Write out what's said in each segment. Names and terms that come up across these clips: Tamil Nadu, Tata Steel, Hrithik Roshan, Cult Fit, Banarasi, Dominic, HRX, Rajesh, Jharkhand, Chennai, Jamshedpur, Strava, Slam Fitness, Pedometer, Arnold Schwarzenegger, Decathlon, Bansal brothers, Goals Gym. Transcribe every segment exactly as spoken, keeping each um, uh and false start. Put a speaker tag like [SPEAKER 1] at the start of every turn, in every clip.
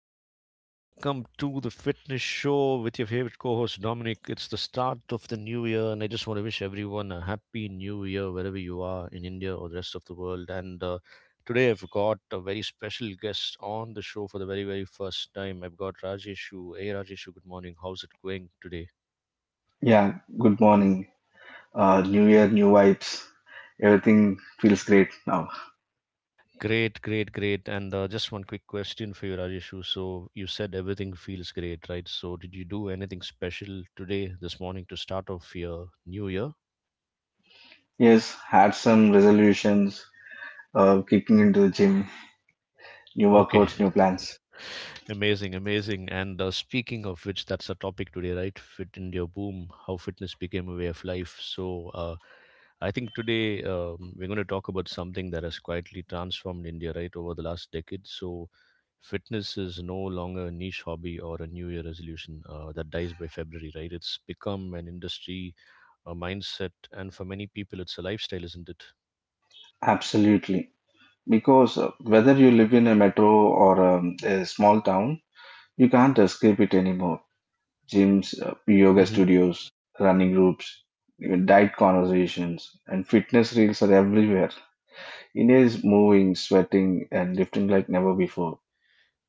[SPEAKER 1] morning and welcome to the fitness show with your favorite co host Dominic. It's the start of the new year, and I just want to wish everyone a happy new year wherever you are in India or the rest of the world. And uh, today I've got a very special guest on the show for the very, very first time. I've got Rajeshu. Hey Rajeshu, good morning. How's it going today?
[SPEAKER 2] Yeah, good morning. Uh, new year, new vibes. Everything feels great now.
[SPEAKER 1] Great, great, great. And uh, just one quick question for you, Rajeshu. So you said everything feels great, right? So did you do anything special today, this morning, to start off your new year?
[SPEAKER 2] Yes, had some resolutions, uh, kicking into the gym, new workouts, new plans.
[SPEAKER 1] Amazing, amazing. And uh, speaking of which, that's the topic today, right? Fit India boom, how fitness became a way of life. So, uh, I think today um, we're going to talk about something that has quietly transformed India, right, over the last decade. So, fitness is no longer a niche hobby or a New Year resolution uh, that dies by February, right? It's become an industry, a mindset, and for many people, it's a lifestyle, isn't it?
[SPEAKER 2] Absolutely. Because uh, whether you live in a metro or um, a small town, you can't escape it anymore. Gyms, uh, yoga studios, running groups, even diet conversations, and fitness reels are everywhere. India is moving, sweating, and lifting like never before.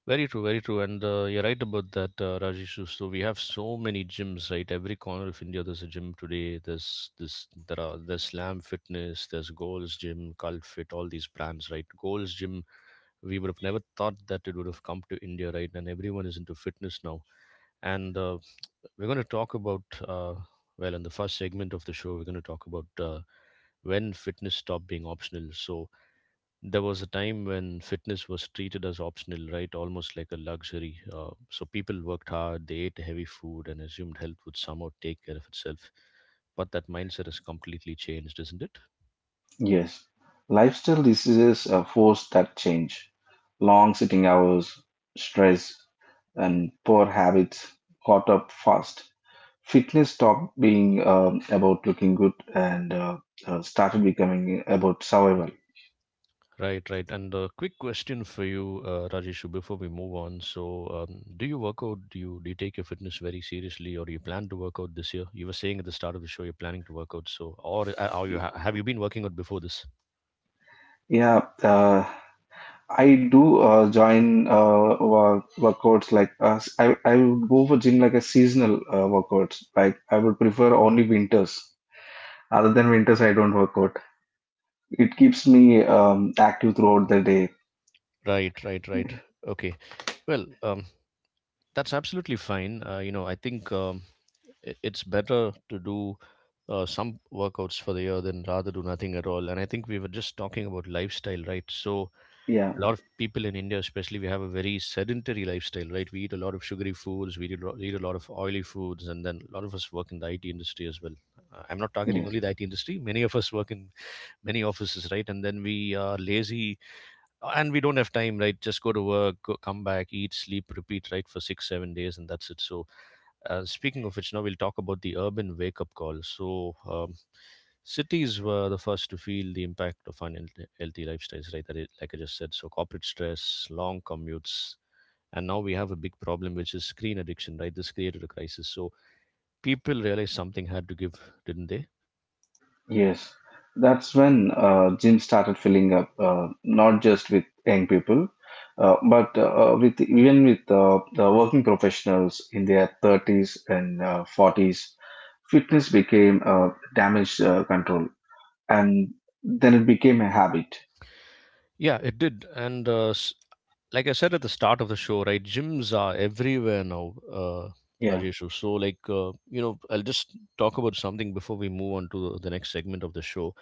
[SPEAKER 1] Very true, very true, and uh, you're right about that, uh, Rajesh. So we have so many gyms, right? Every corner of India, there's a gym today. There's this, there are there's Slam Fitness, there's Goals Gym, Cult Fit, all these brands, right? Goals Gym, we would have never thought that it would have come to India, right? And everyone is into fitness now. And uh, we're going to talk about, uh, well, in the first segment of the show, we're going to talk about uh, when fitness stopped being optional. So there was a time when fitness was treated as optional, right? Almost like a luxury. Uh, so people worked hard, they ate heavy food, and assumed health would somehow take care of itself. But that mindset has completely changed, isn't it?
[SPEAKER 2] Yes, lifestyle diseases uh, force that change. Long sitting hours, stress, and poor habits caught up fast. Fitness stopped being um, about looking good and uh, uh, started becoming about survival.
[SPEAKER 1] Right, right. And a quick question for you, uh, Rajeshu, before we move on. So, um, do you work out? Do you do you take your fitness very seriously, or do you plan to work out this year? You were saying at the start of the show you're planning to work out. So, or uh, are you ha- have you been working out before this?
[SPEAKER 2] Yeah, uh, I do uh, join uh, work, workouts like uh, I, I would go for gym like a seasonal uh, workouts. Like I would prefer only winters. Other than winters, I don't work out. It keeps me um, active throughout the day.
[SPEAKER 1] Right, right, right. Okay. Well, um, That's absolutely fine. Uh, you know, I think um, i- it's better to do uh, some workouts for the year than rather do nothing at all. And I think we were just talking about lifestyle, right? So
[SPEAKER 2] Yeah,
[SPEAKER 1] a lot of people in India, especially, we have a very sedentary lifestyle, right? We eat a lot of sugary foods, we eat a lo- eat a lot of oily foods, and then a lot of us work in the I T industry as well. Uh, I'm not targeting
[SPEAKER 2] yes,
[SPEAKER 1] only the I T industry. Many of us work in many offices, right? And then we are lazy and we don't have time, right? Just go to work, go, come back, eat, sleep, repeat, right, for six seven days, and that's it. So uh, speaking of which, now we'll talk about the urban wake up call. So um, cities were the first to feel the impact of unhealthy lifestyles, right? That it, like I just said, so corporate stress, long commutes, and now we have a big problem, which is screen addiction, right? This created a crisis, so people realized something had to give, didn't they?
[SPEAKER 2] yes. That's when uh, gym started filling up, uh, not just with young people, uh, but uh, with even with uh, the working professionals in their thirties and uh, forties. Fitness became uh, damage uh, control, and then it became a habit.
[SPEAKER 1] Yeah, it did. And uh, s- like I said at the start of the show, right? Gyms are everywhere now, uh,
[SPEAKER 2] Yeah,
[SPEAKER 1] Rajeshu. So, like, uh, you know, I'll just talk about something before we move on to the next segment of the show.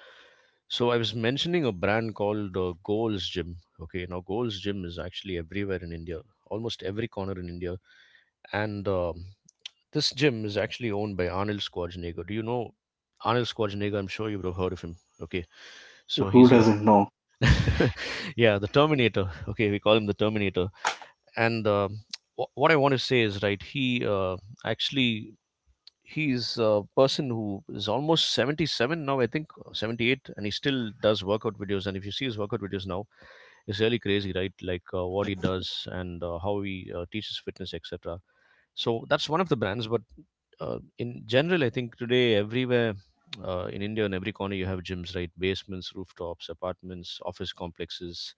[SPEAKER 1] So, I was mentioning a brand called uh, Goals Gym. Okay, now Goals Gym is actually everywhere in India, almost every corner in India. And um, this gym is actually owned by Arnold Schwarzenegger. Do you know Arnold Schwarzenegger? I'm sure you would have heard of him. Okay, so
[SPEAKER 2] who
[SPEAKER 1] he's a
[SPEAKER 2] doesn't know?
[SPEAKER 1] yeah, the Terminator. Okay, we call him the Terminator. And um wh- what I want to say is, right, he uh, actually he's a person who is almost seventy-seven now, I think, or seventy-eight, and he still does workout videos. And if you see his workout videos now, it's really crazy, right? Like uh, what he does, and uh, how he uh, teaches fitness, etc. So that's one of the brands. But uh, in general, I think today everywhere uh, in India, in every corner, you have gyms, right? Basements, rooftops, apartments, office complexes,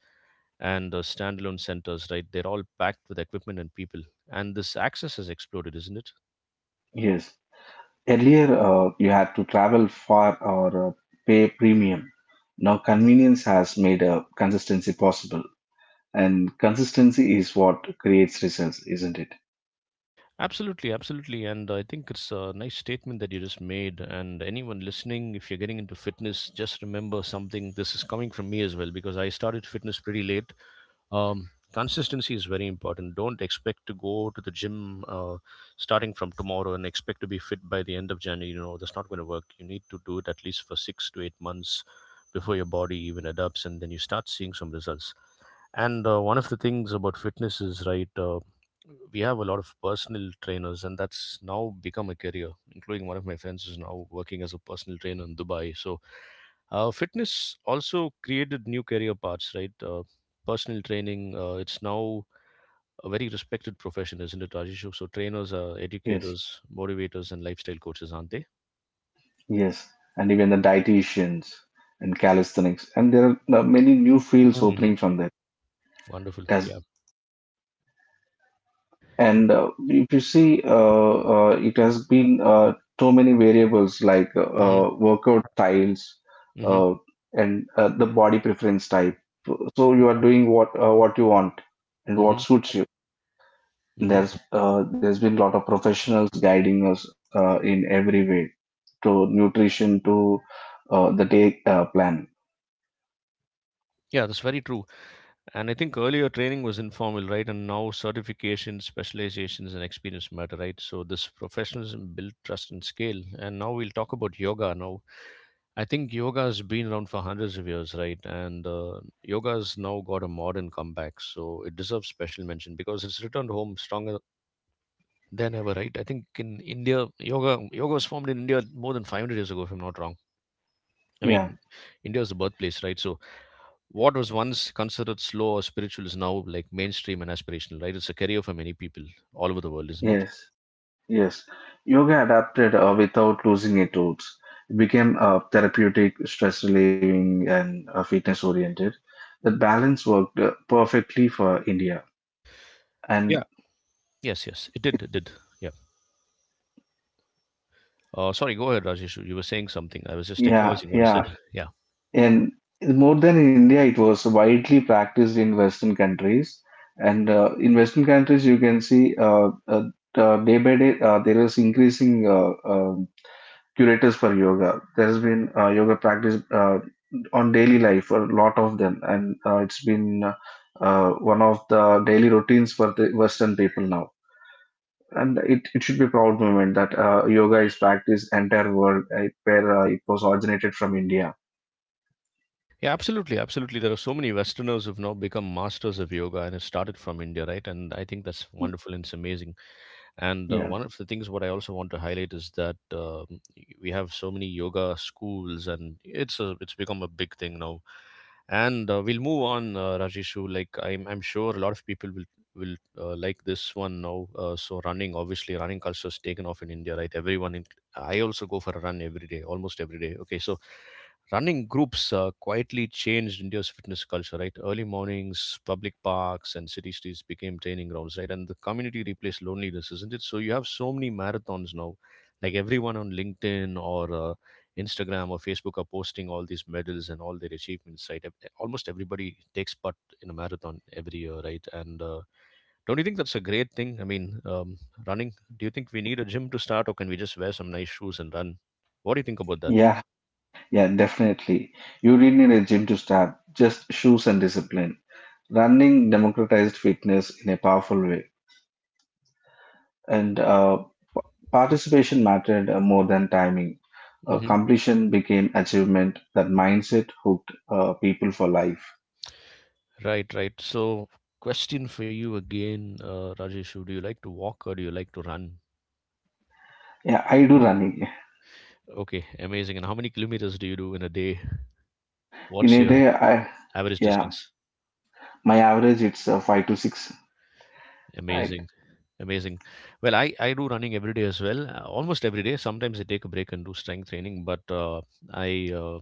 [SPEAKER 1] and uh, standalone centers, right? They're all packed with equipment and people. And this access has exploded, isn't it?
[SPEAKER 2] Yes. Earlier, uh, you had to travel far or uh, pay premium. Now, convenience has made uh, consistency possible, and consistency is what creates results, isn't it?
[SPEAKER 1] Absolutely, absolutely. And I think it's a nice statement that you just made. And anyone listening, if you're getting into fitness, just remember something. This is coming from me as well because I started fitness pretty late. Um, consistency is very important. Don't expect to go to the gym uh, starting from tomorrow and expect to be fit by the end of January. You know, that's not going to work. You need to do it at least for six to eight months before your body even adapts, and then you start seeing some results. And uh, one of the things about fitness is, right. Uh, we have a lot of personal trainers, and that's now become a career. Including one of my friends is now working as a personal trainer in Dubai. So, uh, fitness also created new career paths, right? Uh, personal training. Uh, it's now a very respected profession, isn't it, Rajeshu? So, trainers are
[SPEAKER 2] Yes.
[SPEAKER 1] educators, motivators, and lifestyle coaches, aren't they?
[SPEAKER 2] Yes, and even the dietitians and calisthenics, and there are uh, many new fields
[SPEAKER 1] Mm. Hmm.
[SPEAKER 2] opening from that.
[SPEAKER 1] Wonderful. Yeah.
[SPEAKER 2] Does And uh, if you see, uh, uh, it has been uh, too many variables like uh,
[SPEAKER 1] Hmm.
[SPEAKER 2] uh, workout styles
[SPEAKER 1] Hmm.
[SPEAKER 2] uh, and uh, the body preference type. So you are doing what uh, what you want and what
[SPEAKER 1] Hmm.
[SPEAKER 2] suits you.
[SPEAKER 1] Hmm.
[SPEAKER 2] There's uh, there's been a lot of professionals guiding us uh, in every way, to nutrition, to uh, the day uh, plan.
[SPEAKER 1] Yeah, that's very true. And I think earlier training was informal, right? And now certifications, specializations, and experience matter, right? So this professionalism built trust and scale. And now we'll talk about yoga. Now, I think yoga has been around for hundreds of years, right? And uh, yoga has now got a modern comeback. So it deserves special mention because it's returned home stronger than ever, right? I think in India, yoga yoga was formed in India more than five hundred years ago, if I'm not wrong. I
[SPEAKER 2] Yeah.
[SPEAKER 1] mean, India is the birthplace, right? So what was once considered slow or spiritual is now like mainstream and aspirational, right? It's a career for many people all over the world, isn't it?
[SPEAKER 2] Yes. Yes, yoga adapted uh, without losing its roots. It became uh, therapeutic, stress relieving, and uh, fitness oriented. That balance worked uh, perfectly for India.
[SPEAKER 1] Yeah.
[SPEAKER 2] And
[SPEAKER 1] Yes, yes, it did, it did. Yeah. Uh, sorry, go ahead, Rajesh. You were saying something. I was just
[SPEAKER 2] yeah,
[SPEAKER 1] acknowledging what you said.
[SPEAKER 2] yeah,
[SPEAKER 1] Yeah.
[SPEAKER 2] and more than in India, it was widely practiced in Western countries. And uh, in Western countries, you can see uh, uh, uh, day by day uh, there is increasing uh, uh, curators for yoga. There has been uh, yoga practice uh, on daily life for a lot of them, and uh, it's been uh, uh, one of the daily routines for the Western people now. And it, it should be proud moment that uh, yoga is practiced entire world uh, where uh, it was originated from India.
[SPEAKER 1] Yeah, absolutely, absolutely. There are so many Westerners who've now become masters of yoga, and it started from India, right? And I think that's wonderful and it's amazing. And uh,
[SPEAKER 2] Yeah,
[SPEAKER 1] one of the things what I also want to highlight is that um we have so many yoga schools, and it's a, it's become a big thing now. And uh, we'll move on, uh, Rajeshu. Like I'm, I'm sure a lot of people will will uh, like this one now. Uh, so running, obviously, running culture has taken off in India, right? Everyone, in, I also go for a run every day, almost every day. Okay, so running groups uh, quietly changed India's fitness culture, right? Early mornings, public parks, and city streets became training grounds, right? And the community replaced loneliness, isn't it? So you have so many marathons now. Like everyone on LinkedIn or uh, Instagram or Facebook are posting all these medals and all their achievements, right? Ev- Almost everybody takes part in a marathon every year, right? And uh, don't you think that's a great thing? I mean, um, running, do you think we need a gym to start, or can we just wear some nice shoes and run? What do you think about that?
[SPEAKER 2] yeah, yeah, definitely. You did need a gym to start, just shoes and discipline. Running democratized fitness in a powerful way. And uh, p- participation mattered uh, more than timing. Uh, completion became achievement. That mindset hooked uh, people for life.
[SPEAKER 1] Right, right. So, question for you again, uh, Rajeshu. Do you like to walk or do you like to run?
[SPEAKER 2] Yeah, I do running
[SPEAKER 1] Okay, amazing. And how many kilometers do you do in a day?
[SPEAKER 2] in
[SPEAKER 1] What's
[SPEAKER 2] a
[SPEAKER 1] your Uh,
[SPEAKER 2] day. I
[SPEAKER 1] average
[SPEAKER 2] yeah,
[SPEAKER 1] distance?
[SPEAKER 2] my average it's uh, five to six. Right.
[SPEAKER 1] Amazing. Amazing. Well, I, I do running every day as well, uh, almost every day. Sometimes I take a break and do strength training, but uh, I uh,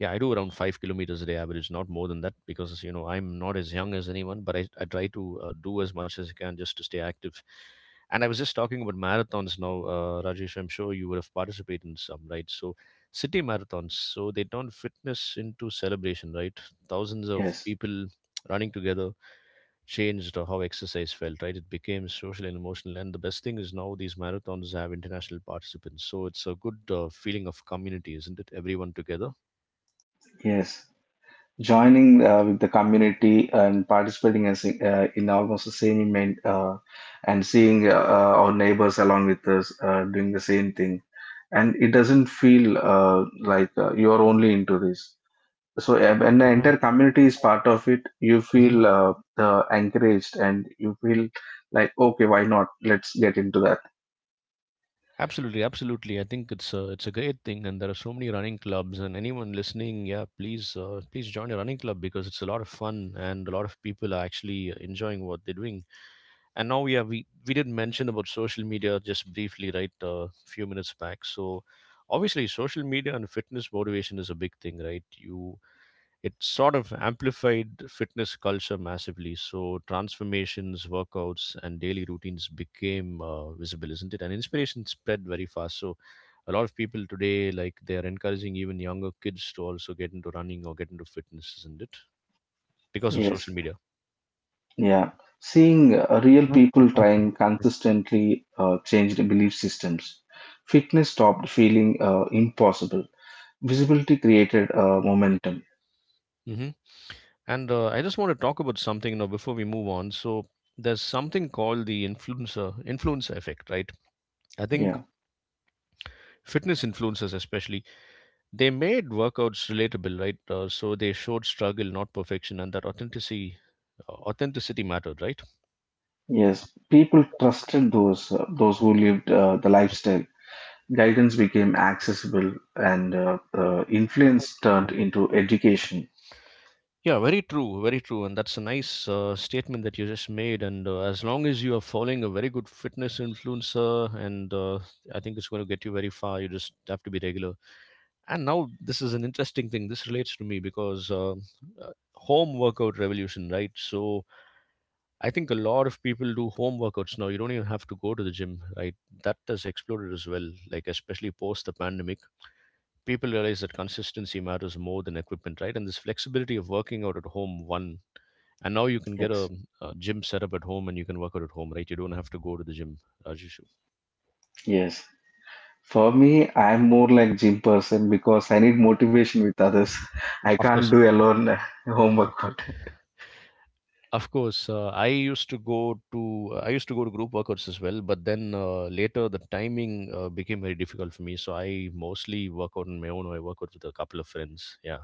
[SPEAKER 1] yeah I do around five kilometers a day average, not more than that, because you know I'm not as young as anyone, but I, I try to uh, do as much as I can just to stay active. And I was just talking about marathons now, uh, Rajesh. I'm sure you would have participated in some, right? So city marathons. So they turn fitness into celebration, right? Thousands of
[SPEAKER 2] Yes.
[SPEAKER 1] people running together changed how exercise felt, right? It became social and emotional. And the best thing is now these marathons have international participants. So it's a good uh, feeling of community, isn't it? Everyone together.
[SPEAKER 2] Yes. Joining uh, with the community and participating as, uh, in almost the same event, uh, and seeing uh, our neighbors along with us uh, doing the same thing. And it doesn't feel uh, like uh, you're only into this. So yeah, when the entire community is part of it, you feel
[SPEAKER 1] Mhm.
[SPEAKER 2] uh, uh, encouraged and you feel like, okay, why not, let's get into that.
[SPEAKER 1] Absolutely, absolutely. I think it's a it's a great thing, and there are so many running clubs. And anyone listening, yeah, please uh, please join a running club because it's a lot of fun, and a lot of people are actually enjoying what they're doing. And now, yeah, we we did mention about social media just briefly, right? A few minutes back. So obviously social media and fitness motivation is a big thing, right? You, it sort of amplified fitness culture massively. So transformations, workouts, and daily routines became uh, visible, isn't it? And inspiration spread very fast. So a lot of people today, like, they are encouraging even younger kids to also get into running or get into fitness, isn't it? Because of social
[SPEAKER 2] Yes.
[SPEAKER 1] media.
[SPEAKER 2] Yeah, seeing uh, real people trying consistently uh, changed belief systems. Fitness stopped feeling uh, impossible. Visibility created uh, momentum.
[SPEAKER 1] Mm-hmm. And uh, I just want to talk about something, you know, before we move on. So there's something called the influencer influencer effect, right? I think
[SPEAKER 2] Yeah,
[SPEAKER 1] fitness influencers, especially, they made workouts relatable, right? Uh, so they showed struggle, not perfection, and that authenticity uh, authenticity mattered, right?
[SPEAKER 2] yes, people trusted those uh, those who lived uh, the lifestyle. Guidance became accessible, and uh, uh, influence turned into education.
[SPEAKER 1] Yeah, very true, very true. And that's a nice uh, statement that you just made. And uh, as long as you are following a very good fitness influencer, and uh, I think it's going to get you very far. You just have to be regular. And now, this is an interesting thing. This relates to me because uh, uh, home workout revolution, right? So I think a lot of people do home workouts now. You don't even have to go to the gym, right? That has exploded as well, like especially post the pandemic. People realize that consistency matters more than equipment, right? And this flexibility of working out at home, one, and now you can get a,
[SPEAKER 2] Yes,
[SPEAKER 1] a gym set up at home, and you can work out at home, right? You don't have to go to the gym, Rajesh.
[SPEAKER 2] yes. For me, I'm more like gym person because I need motivation with others. I
[SPEAKER 1] Of course.
[SPEAKER 2] can't do alone uh, home workout.
[SPEAKER 1] Of course, uh, I used to go to uh, I used to go to group workouts as well, but then uh, later the timing uh, became very difficult for me. So I mostly work out on my own. Or I work out with a couple of friends. Yeah,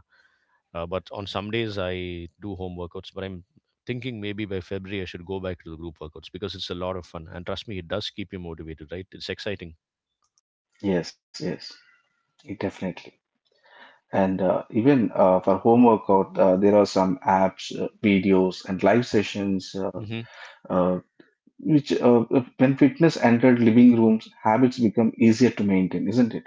[SPEAKER 1] uh, but on some days I do home workouts. But I'm thinking maybe by February I should go back to the group workouts because it's a lot of fun. And trust me, it does keep you motivated, right? It's exciting.
[SPEAKER 2] Yes, yes, it definitely. And uh, even uh, for home workout, uh, there are some apps, uh, videos, and live sessions, uh,
[SPEAKER 1] Hmm.
[SPEAKER 2] uh, which uh, uh, when fitness entered living rooms, habits become easier to maintain, isn't it?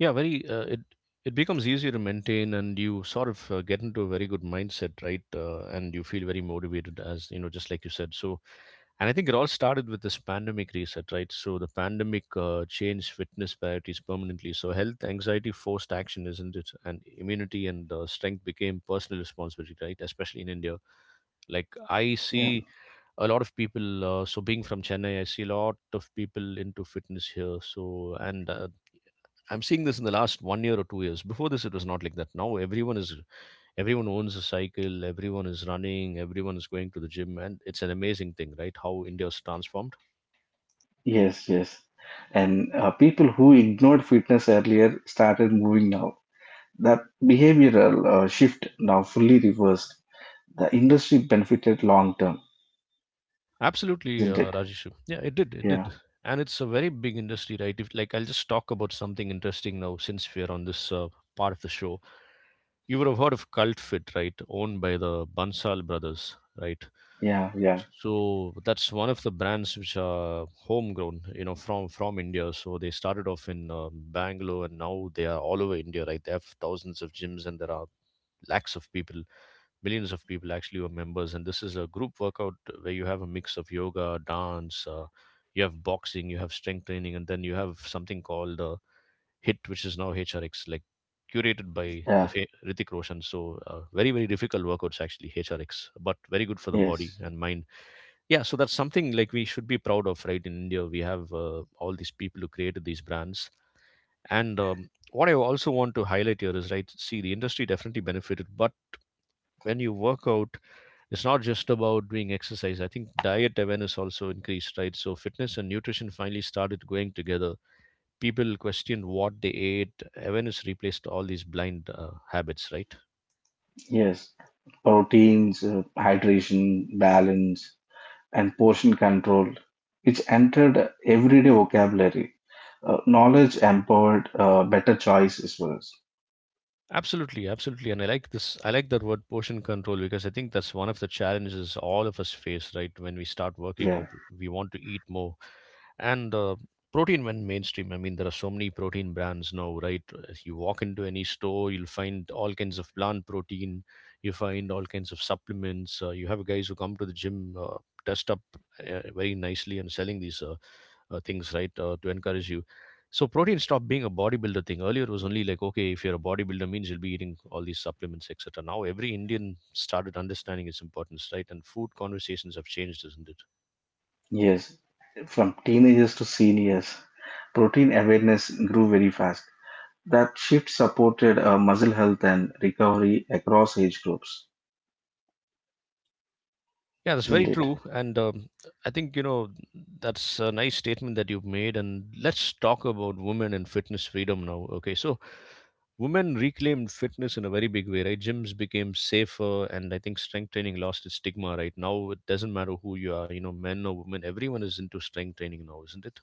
[SPEAKER 1] Yeah, very. Uh, it it becomes easier to maintain, and you sort of uh, get into a very good mindset, right? Uh, and you feel very motivated, as you know, just like you said. So, and I think it all started with this pandemic reset, right? So the pandemic uh, changed fitness priorities permanently. So health anxiety forced action, isn't it? And immunity and uh, strength became personal responsibility, right? Especially in India. Like, I
[SPEAKER 2] Yeah.
[SPEAKER 1] see a lot of people. Uh, so being from Chennai, I see a lot of people into fitness here. So, and uh, I'm seeing this in the last one year or two years. Before this, it was not like that. Now everyone is everyone owns a cycle. Everyone is running. Everyone is going to the gym, and it's an amazing thing, right? How India's transformed.
[SPEAKER 2] Yes, yes. And uh, people who ignored fitness earlier started moving now. That behavioral uh, shift now fully reversed. The industry benefited long term,
[SPEAKER 1] Absolutely,
[SPEAKER 2] isn't
[SPEAKER 1] uh,
[SPEAKER 2] it?
[SPEAKER 1] Rajesh. Yeah, it did. It
[SPEAKER 2] Yeah,
[SPEAKER 1] did. And it's a very big industry, right? If, like, I'll just talk about something interesting now, since we're on this uh, part of the show. You would have heard of Cult Fit, right? Owned by the Bansal brothers, right?
[SPEAKER 2] yeah, yeah,
[SPEAKER 1] So that's one of the brands which are homegrown, you know, from from India. So they started off in uh, Bangalore, and now they are all over India, right? They have thousands of gyms, and there are lakhs of people millions of people actually were members. And this is a group workout where you have a mix of yoga, dance, uh, you have boxing, you have strength training, and then you have something called uh, hit, which is now hrx, like curated by the
[SPEAKER 2] yeah.
[SPEAKER 1] fa- Hrithik Roshan. So uh, very, very difficult workouts, actually, hrx, but very good for the body
[SPEAKER 2] Yes,
[SPEAKER 1] and mind. Yeah, so that's something like we should be proud of, right? In India, we have uh, all these people who created these brands. And um, what I also want to highlight here is, right, see, the industry definitely benefited, but when you work out, it's not just about doing exercise. I think diet awareness also increased, right? So fitness and nutrition finally started going together. People questioned what they ate. Awareness replaced all these blind uh, habits, right?
[SPEAKER 2] yes. Proteins, uh, hydration, balance, and portion control, which entered everyday vocabulary. Uh, knowledge empowered uh, better choices for us.
[SPEAKER 1] Absolutely, absolutely. And I like this. I like that word, portion control, because I think that's one of the challenges all of us face, right? When we start working
[SPEAKER 2] Yeah,
[SPEAKER 1] out, we want to eat more, and uh, protein went mainstream. I mean, there are so many protein brands now, right? If you walk into any store, you'll find all kinds of plant protein. You find all kinds of supplements. Uh, you have guys who come to the gym, uh, dressed up uh, very nicely and selling these uh, uh, things, right, uh, to encourage you. So protein stopped being a bodybuilder thing. Earlier it was only like, okay, if you're a bodybuilder, means you'll be eating all these supplements, etc. Now every Indian started understanding its importance, right? And food conversations have changed, isn't it?
[SPEAKER 2] yes. From teenagers to seniors, protein awareness grew very fast. That shift supported uh, muscle health and recovery across age groups,
[SPEAKER 1] Yeah, that's
[SPEAKER 2] isn't
[SPEAKER 1] very
[SPEAKER 2] it?
[SPEAKER 1] true. And um, I think, you know, that's a nice statement that you've made. And let's talk about women and fitness freedom now. Okay, so women reclaimed fitness in a very big way, right? Gyms became safer, and I think strength training lost its stigma, right? Now it doesn't matter who you are, you know, men or women, everyone is into strength training now, isn't it?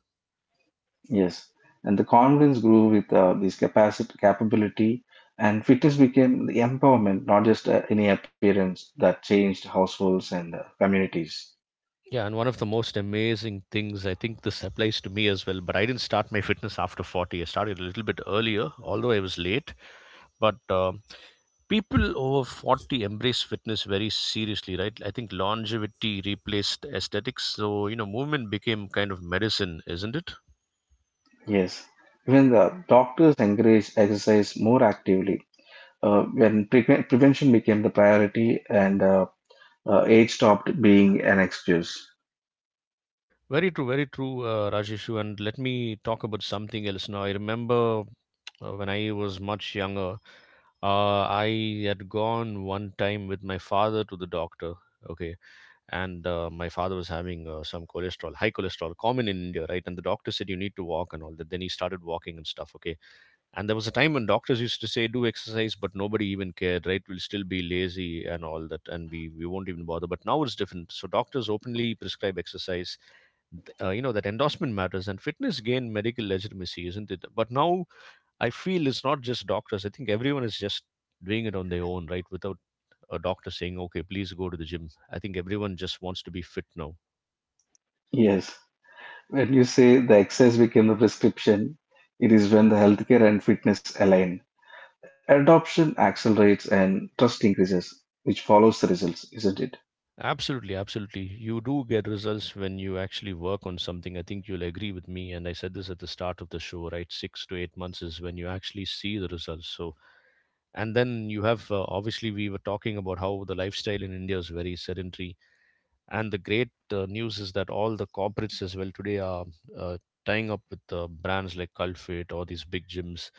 [SPEAKER 2] Yes. And the confidence grew with uh, this capacity, capability, and fitness became the empowerment, not just uh, any appearance that changed households and uh, communities.
[SPEAKER 1] Yeah, and one of the most amazing things, I think this applies to me as well, but I didn't start my fitness after forty. I started a little bit earlier, although I was late. But um people over forty embrace fitness very seriously, right? I think longevity replaced aesthetics. So, you know, movement became kind of medicine, isn't it?
[SPEAKER 2] Yes. Even the doctors encouraged exercise more actively. Uh, when pre- prevention became the priority, and uh, uh, age stopped being an excuse.
[SPEAKER 1] Very true, very true. uh, Rajeshu, and let me talk about something else now. I remember uh, when i was much younger, uh, i had gone one time with my father to the doctor. Okay? And uh, my father was having uh, some cholesterol, high cholesterol, common in India, right? And the doctor said, you need to walk and all that. Then he started walking and stuff. Okay. And there was a time when doctors used to say, do exercise, but nobody even cared, right? We'll still be lazy and all that, and we, we won't even bother. But now it's different. So doctors openly prescribe exercise. Th- Uh, you know, that endorsement matters, and fitness gained medical legitimacy, isn't it? But now I feel it's not just doctors. I think everyone is just doing it on their own, right? Without a doctor saying, okay, please go to the gym. I think everyone just wants to be fit now.
[SPEAKER 2] Yes. When you say the excess became the prescription, it is when the healthcare and fitness align. Adoption accelerates and trust increases, which follows the results, isn't it?
[SPEAKER 1] Absolutely, absolutely. You do get results when you actually work on something. I think you'll agree with me. And I said this at the start of the show, right? Six to eight months is when you actually see the results. So, and then you have uh, obviously, we were talking about how the lifestyle in India is very sedentary. And the great uh, news is that all the corporates as well today are uh, tying up with uh, brands like Culfit or these big gyms,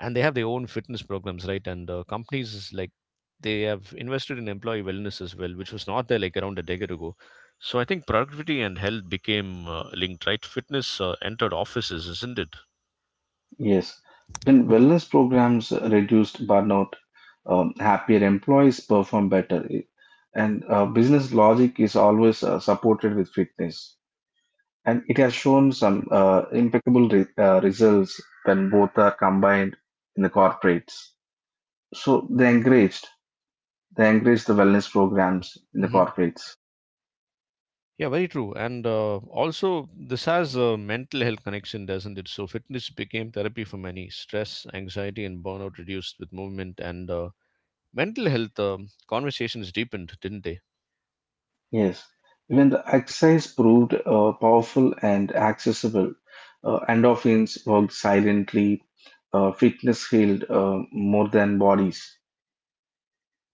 [SPEAKER 1] and they have their own fitness programs, right? And uh, companies is like, they have invested in employee wellness as well, which was not there like around a decade ago. So I think productivity and health became uh, linked, right? Fitness uh, entered offices, isn't it?
[SPEAKER 2] Yes. When wellness programs reduced burnout, um, happier employees perform better, and uh, business logic is always uh, supported with fitness. And it has shown some uh, impeccable re- uh, results when both are combined in the corporates. So they encouraged. They encouraged the wellness programs in the
[SPEAKER 1] Hmm.
[SPEAKER 2] corporates.
[SPEAKER 1] Yeah, very true. And uh, also, this has a mental health connection, doesn't it? So fitness became therapy for many. Stress, anxiety, and burnout reduced with movement, and uh, mental health um conversations deepened, didn't they?
[SPEAKER 2] Yes, even the exercise proved uh, powerful and accessible. Uh, endorphins worked silently. Uh, fitness healed uh, more than bodies.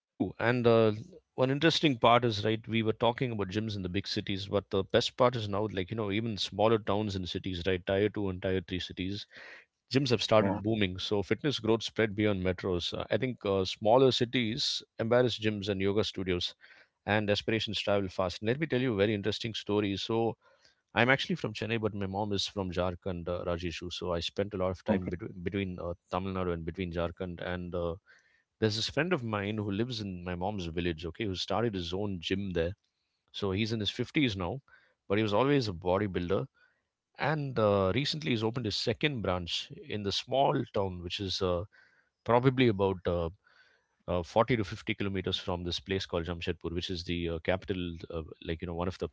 [SPEAKER 1] True, and uh, one interesting part is, right, we were talking about gyms in the big cities, but the best part is now, like, you know, even smaller towns and cities, right? Tier two and tier three cities, gyms have started
[SPEAKER 2] Yeah.
[SPEAKER 1] booming. So fitness growth spread beyond metros. Uh, I think uh, smaller cities embarrass gyms and yoga studios, and aspirations travel fast. And let me tell you a very interesting story. So I'm actually from Chennai, but my mom is from Jharkhand, uh, Rajeshu. So I spent a lot of time
[SPEAKER 2] Okay.
[SPEAKER 1] between between uh, Tamil Nadu and between Jharkhand, and uh, there's this friend of mine who lives in my mom's village, okay, who started his own gym there. So he's in his fifties now, but he was always a bodybuilder. And uh, recently he's opened his second branch in the small town, which is uh, probably about uh, uh, forty to fifty kilometers from this place called Jamshedpur, which is the uh, capital, uh, like, you know, one of the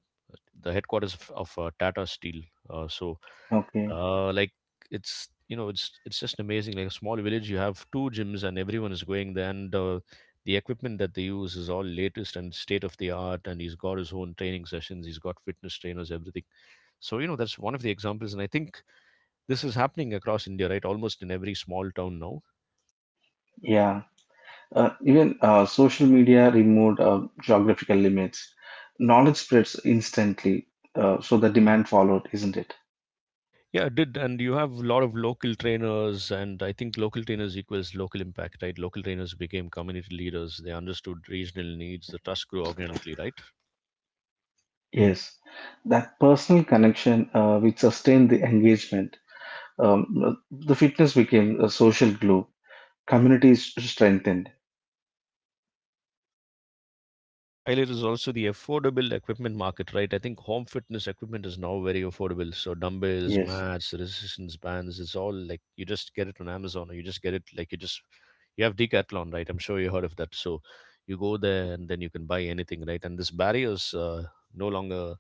[SPEAKER 1] the headquarters of, of uh, Tata Steel. Uh, so,
[SPEAKER 2] Okay.
[SPEAKER 1] uh, like it's you know it's it's just amazing. Like a small village, you have two gyms, and everyone is going there. And uh, the equipment that they use is all latest and state of the art. And he's got his own training sessions. He's got fitness trainers, everything. So you know that's one of the examples, and I think this is happening across India, right? Almost in every small town now.
[SPEAKER 2] Yeah. Uh, even uh, social media removed uh, geographical limits. Knowledge spreads instantly, uh, so the demand followed, isn't it?
[SPEAKER 1] Yeah, it did. And you have a lot of local trainers, and I think local trainers equals local impact, right? Local trainers became community leaders. They understood regional needs. The trust grew organically, right?
[SPEAKER 2] Yes. That personal connection uh, which sustained the engagement. Um, the fitness became a social glue. Communities strengthened.
[SPEAKER 1] True. And uh, one more thing what I want to highlight is also the affordable equipment market, right? I think home fitness equipment is now very affordable. So dumbbells,
[SPEAKER 2] Yes,
[SPEAKER 1] mats, resistance bands, it's all like you just get it on Amazon, or you just get it like you just you have Decathlon, right? I'm sure you heard of that. So you go there, and then you can buy anything, right? And this barriers uh, no longer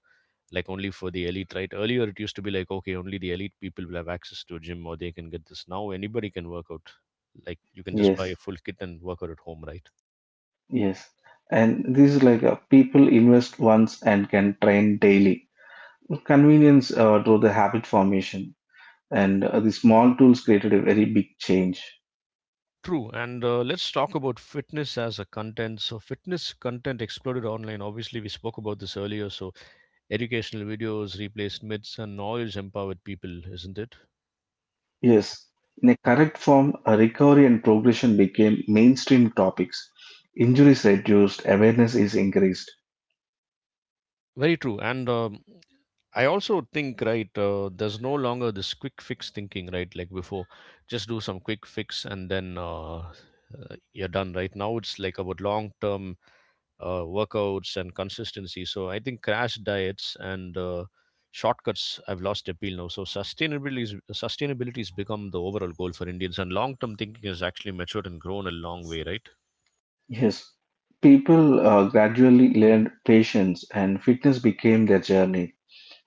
[SPEAKER 1] like only for the elite, right? Earlier it used to be like, okay, only the elite people will have access to a gym or they can get this. Now anybody can work out, like you can just buy a
[SPEAKER 2] yes,
[SPEAKER 1] full kit and work out at home, right?
[SPEAKER 2] yes. And this is like uh, people invest once and can train daily. Convenience uh, drove the habit formation, and uh, the small tools created a very big change.
[SPEAKER 1] True. And uh, let's talk about fitness as a content. So fitness content exploded online. Obviously we spoke about this earlier, so educational videos replaced myths and knowledge empowered people, isn't it?
[SPEAKER 2] Yes, in a correct form, uh, recovery and progression became mainstream topics. Injuries reduced, awareness is increased.
[SPEAKER 1] Very true. And um, I also think, right, uh, there's no longer this quick fix thinking, right, like before. Just do some quick fix and then uh, uh, you're done, right? Now it's like about long term uh, workouts and consistency. So I think crash diets and uh, shortcuts have lost appeal now. So sustainability is, sustainability has become the overall goal for Indians, and long term thinking has actually matured and grown a long way, right?
[SPEAKER 2] Yes, people uh, gradually learned patience and fitness became their journey.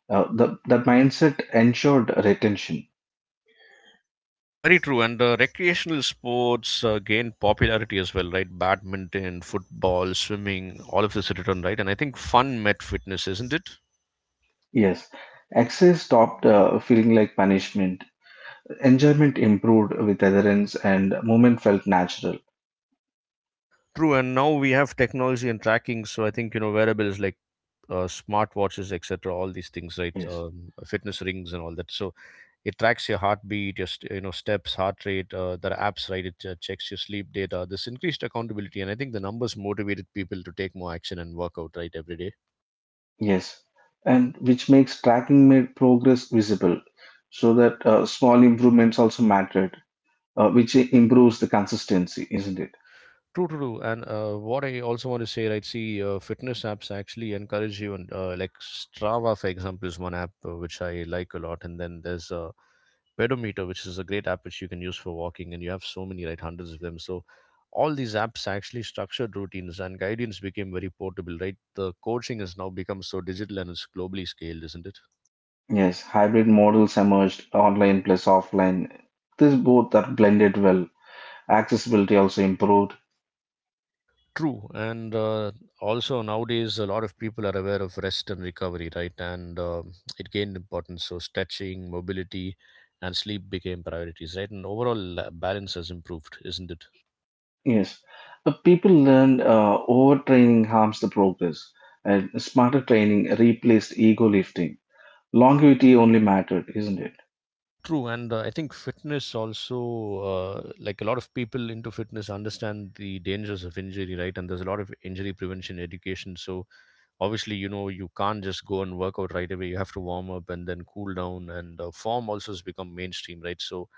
[SPEAKER 2] Uh, the, the mindset ensured retention.
[SPEAKER 1] Very true. And uh, recreational sports uh, gained popularity as well, right? Badminton, football, swimming, all of this returned, right? And I think fun met fitness, isn't it?
[SPEAKER 2] Yes, excess stopped uh, feeling like punishment. Enjoyment improved with adherence and movement felt natural.
[SPEAKER 1] True. And now we have technology and tracking. So I think, you know, wearables like uh, smartwatches, et cetera, all these things, right?
[SPEAKER 2] Yes,
[SPEAKER 1] Um, fitness rings and all that. So it tracks your heartbeat, your, st- you know, steps, heart rate. Uh, there are apps, right? It uh, checks your sleep data. This increased accountability. And I think the numbers motivated people to take more action and work out, right, every day.
[SPEAKER 2] yes, and which makes tracking made progress visible, so that uh, small improvements also mattered, uh, which improves the consistency, isn't it?
[SPEAKER 1] True, true, true. And uh, what I also want to say, right? See, uh, fitness apps actually encourage you, and uh, like Strava, for example, is one app uh, which I like a lot. And then there's uh, Pedometer, which is a great app which you can use for walking, and you have so many, right? Hundreds of them. So all these apps actually structured routines, and guidance became very portable, right? The coaching has now become so digital and it's globally scaled, isn't it?
[SPEAKER 2] Yes, hybrid models emerged, online plus offline. These both are blended well. Accessibility also improved.
[SPEAKER 1] True. And uh, also nowadays a lot of people are aware of rest and recovery, right? And um it gained importance. So stretching, mobility, and sleep became priorities, right? And overall uh, balance has improved, isn't it?
[SPEAKER 2] Yes, but people learned uh, overtraining harms the progress, and smarter training replaced ego lifting. Longevity only mattered, isn't it?
[SPEAKER 1] True. And uh, I think fitness also, uh, like a lot of people into fitness, understand the dangers of injury, right? And there's a lot of injury prevention education. So obviously, you know, you can't just go and work out right away. You have to warm up and then cool down, and uh, form also has become mainstream, right? So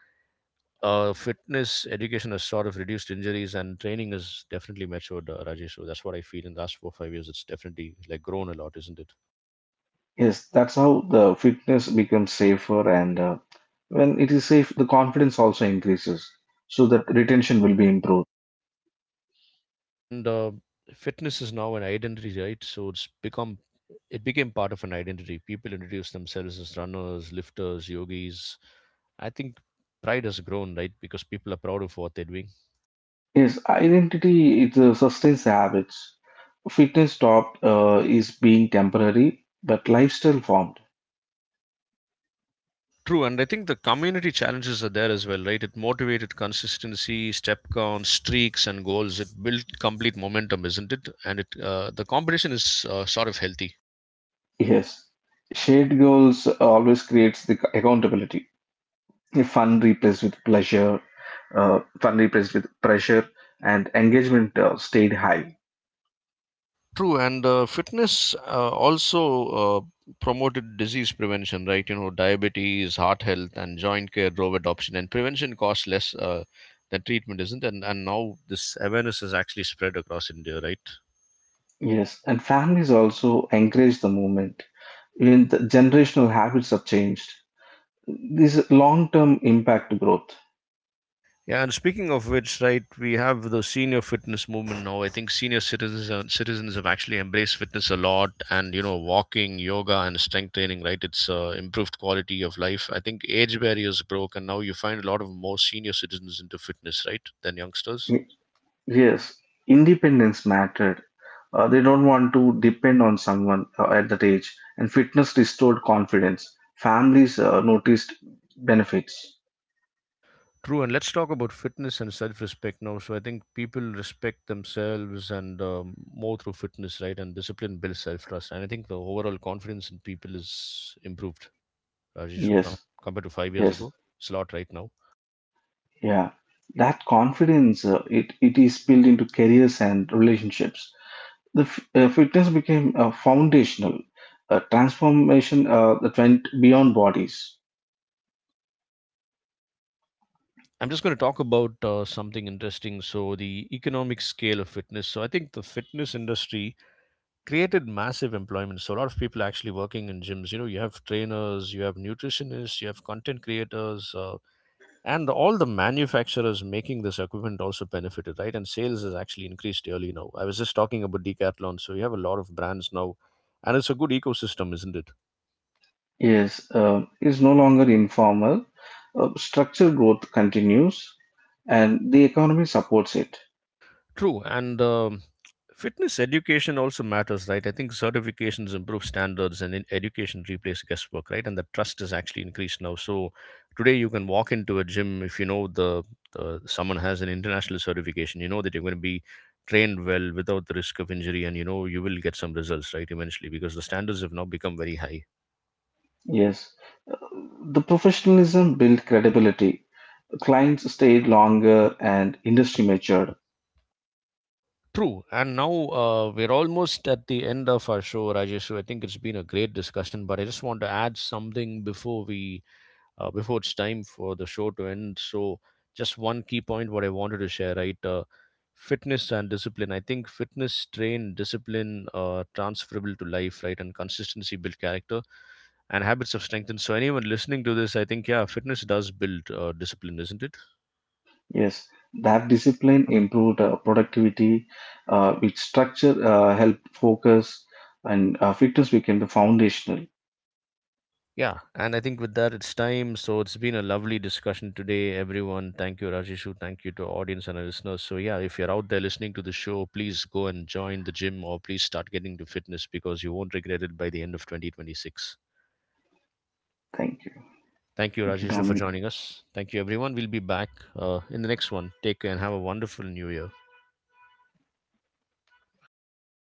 [SPEAKER 1] Uh, fitness education has sort of reduced injuries, and training is definitely matured, uh, Rajesh. So that's what I feel in the last four five years. It's definitely like grown a lot, isn't it?
[SPEAKER 2] Yes, that's how the fitness becomes safer, and uh, when it is safe, the confidence also increases, so that retention
[SPEAKER 1] True.
[SPEAKER 2] will be improved.
[SPEAKER 1] And uh, fitness is now an identity, right? So it's become it became part of an identity. People introduce themselves as runners, lifters, yogis. I think pride has grown, right? Because people are proud of what they're doing.
[SPEAKER 2] Yes, identity it uh, sustains the habits. Fitness stopped uh, is being temporary, but lifestyle formed.
[SPEAKER 1] True, and I think the community challenges are there as well, right? It motivated consistency, step counts, streaks, and goals. It built complete momentum, isn't it? And it uh, the competition is uh, sort of healthy.
[SPEAKER 2] Yes, shared goals always creates the accountability. Fun replaced with pleasure, uh, fun replaced with pressure, and engagement uh, stayed high.
[SPEAKER 1] True. And uh, fitness uh, also uh, promoted disease prevention, right? You know, diabetes, heart health, and joint care drove adoption, and prevention costs less uh, than treatment, isn't it? And, and now this awareness is actually spread across India, right?
[SPEAKER 2] Yes, and families also encourage the movement. Even the generational habits have changed. This long-term impact growth.
[SPEAKER 1] Yeah, and speaking of which, right, we have the senior fitness movement now. I think senior citizens and citizens have actually embraced fitness a lot, and you know, walking, yoga, and strength training, right? It's uh, improved quality of life. I think age barriers broke, and now you find a lot of more senior citizens into fitness, right, than youngsters.
[SPEAKER 2] Y- Yes, independence mattered. Uh, they don't want to depend on someone uh, at that age, and fitness restored confidence. Families uh, noticed benefits.
[SPEAKER 1] True. And let's talk about fitness and self-respect now. So I think people respect themselves and um, more through fitness, right? And discipline builds self-trust, and I think the overall confidence in people is improved. Rajeshu, com-
[SPEAKER 2] Yes,
[SPEAKER 1] compared to five years
[SPEAKER 2] yes,
[SPEAKER 1] ago. It's a lot right now.
[SPEAKER 2] yeah. That confidence uh, it it is built into careers and relationships. The f- uh, fitness became uh, foundational. A transformation uh, that went beyond bodies.
[SPEAKER 1] I'm just going to talk about uh, something interesting. So, the economic scale of fitness. So, I think the fitness industry created massive employment. So, a lot of people are actually working in gyms. You know, you have trainers, you have nutritionists, you have content creators, uh, and all the manufacturers making this equipment also benefited, right? And sales has actually increased yearly now. I was just talking about Decathlon. So, you have a lot of brands now, and it's a good ecosystem, isn't it?
[SPEAKER 2] Yes, uh, is no longer informal. Uh, structural growth continues, and the economy supports it.
[SPEAKER 1] True. And um, fitness education also matters, right? I think certifications improve standards, and in education replace guesswork, right? And the trust is actually increased now. So today you can walk into a gym if you know the, the someone has an international certification. You know that you're going to be trained well without the risk of injury, and you know you will get some results, right? Eventually, because the standards have now become very high.
[SPEAKER 2] Yes. The professionalism built credibility. Clients stayed longer and industry matured.
[SPEAKER 1] True. And now uh, we're almost at the end of our show, Rajesh. So I think it's been a great discussion, but I just want to add something before we uh, before it's time for the show to end. So, just one key point what I wanted to share, right? Uh, fitness and discipline. I think fitness, train, discipline, uh, transferable to life, right? And consistency build character and habits of strength. And so, anyone listening to this, I think, yeah, fitness does build uh, discipline, isn't it?
[SPEAKER 2] Yes, that discipline improved uh, productivity, uh, which structure uh, helped focus, and uh, fitness became the foundational.
[SPEAKER 1] Yeah, and I think with that it's time. So it's been a lovely discussion today, everyone. Thank you, Rajeshu. Thank you to our audience and our listeners. So yeah, if you're out there listening to the show, please go and join the gym or please start getting to fitness because you won't regret it by the end of twenty twenty-six.
[SPEAKER 2] Thank you.
[SPEAKER 1] Thank you,
[SPEAKER 2] Thank you,
[SPEAKER 1] Rajeshu, for
[SPEAKER 2] Dominic.
[SPEAKER 1] joining us. Thank you, everyone. We'll be back uh, in the next one. Take care and have a wonderful new year.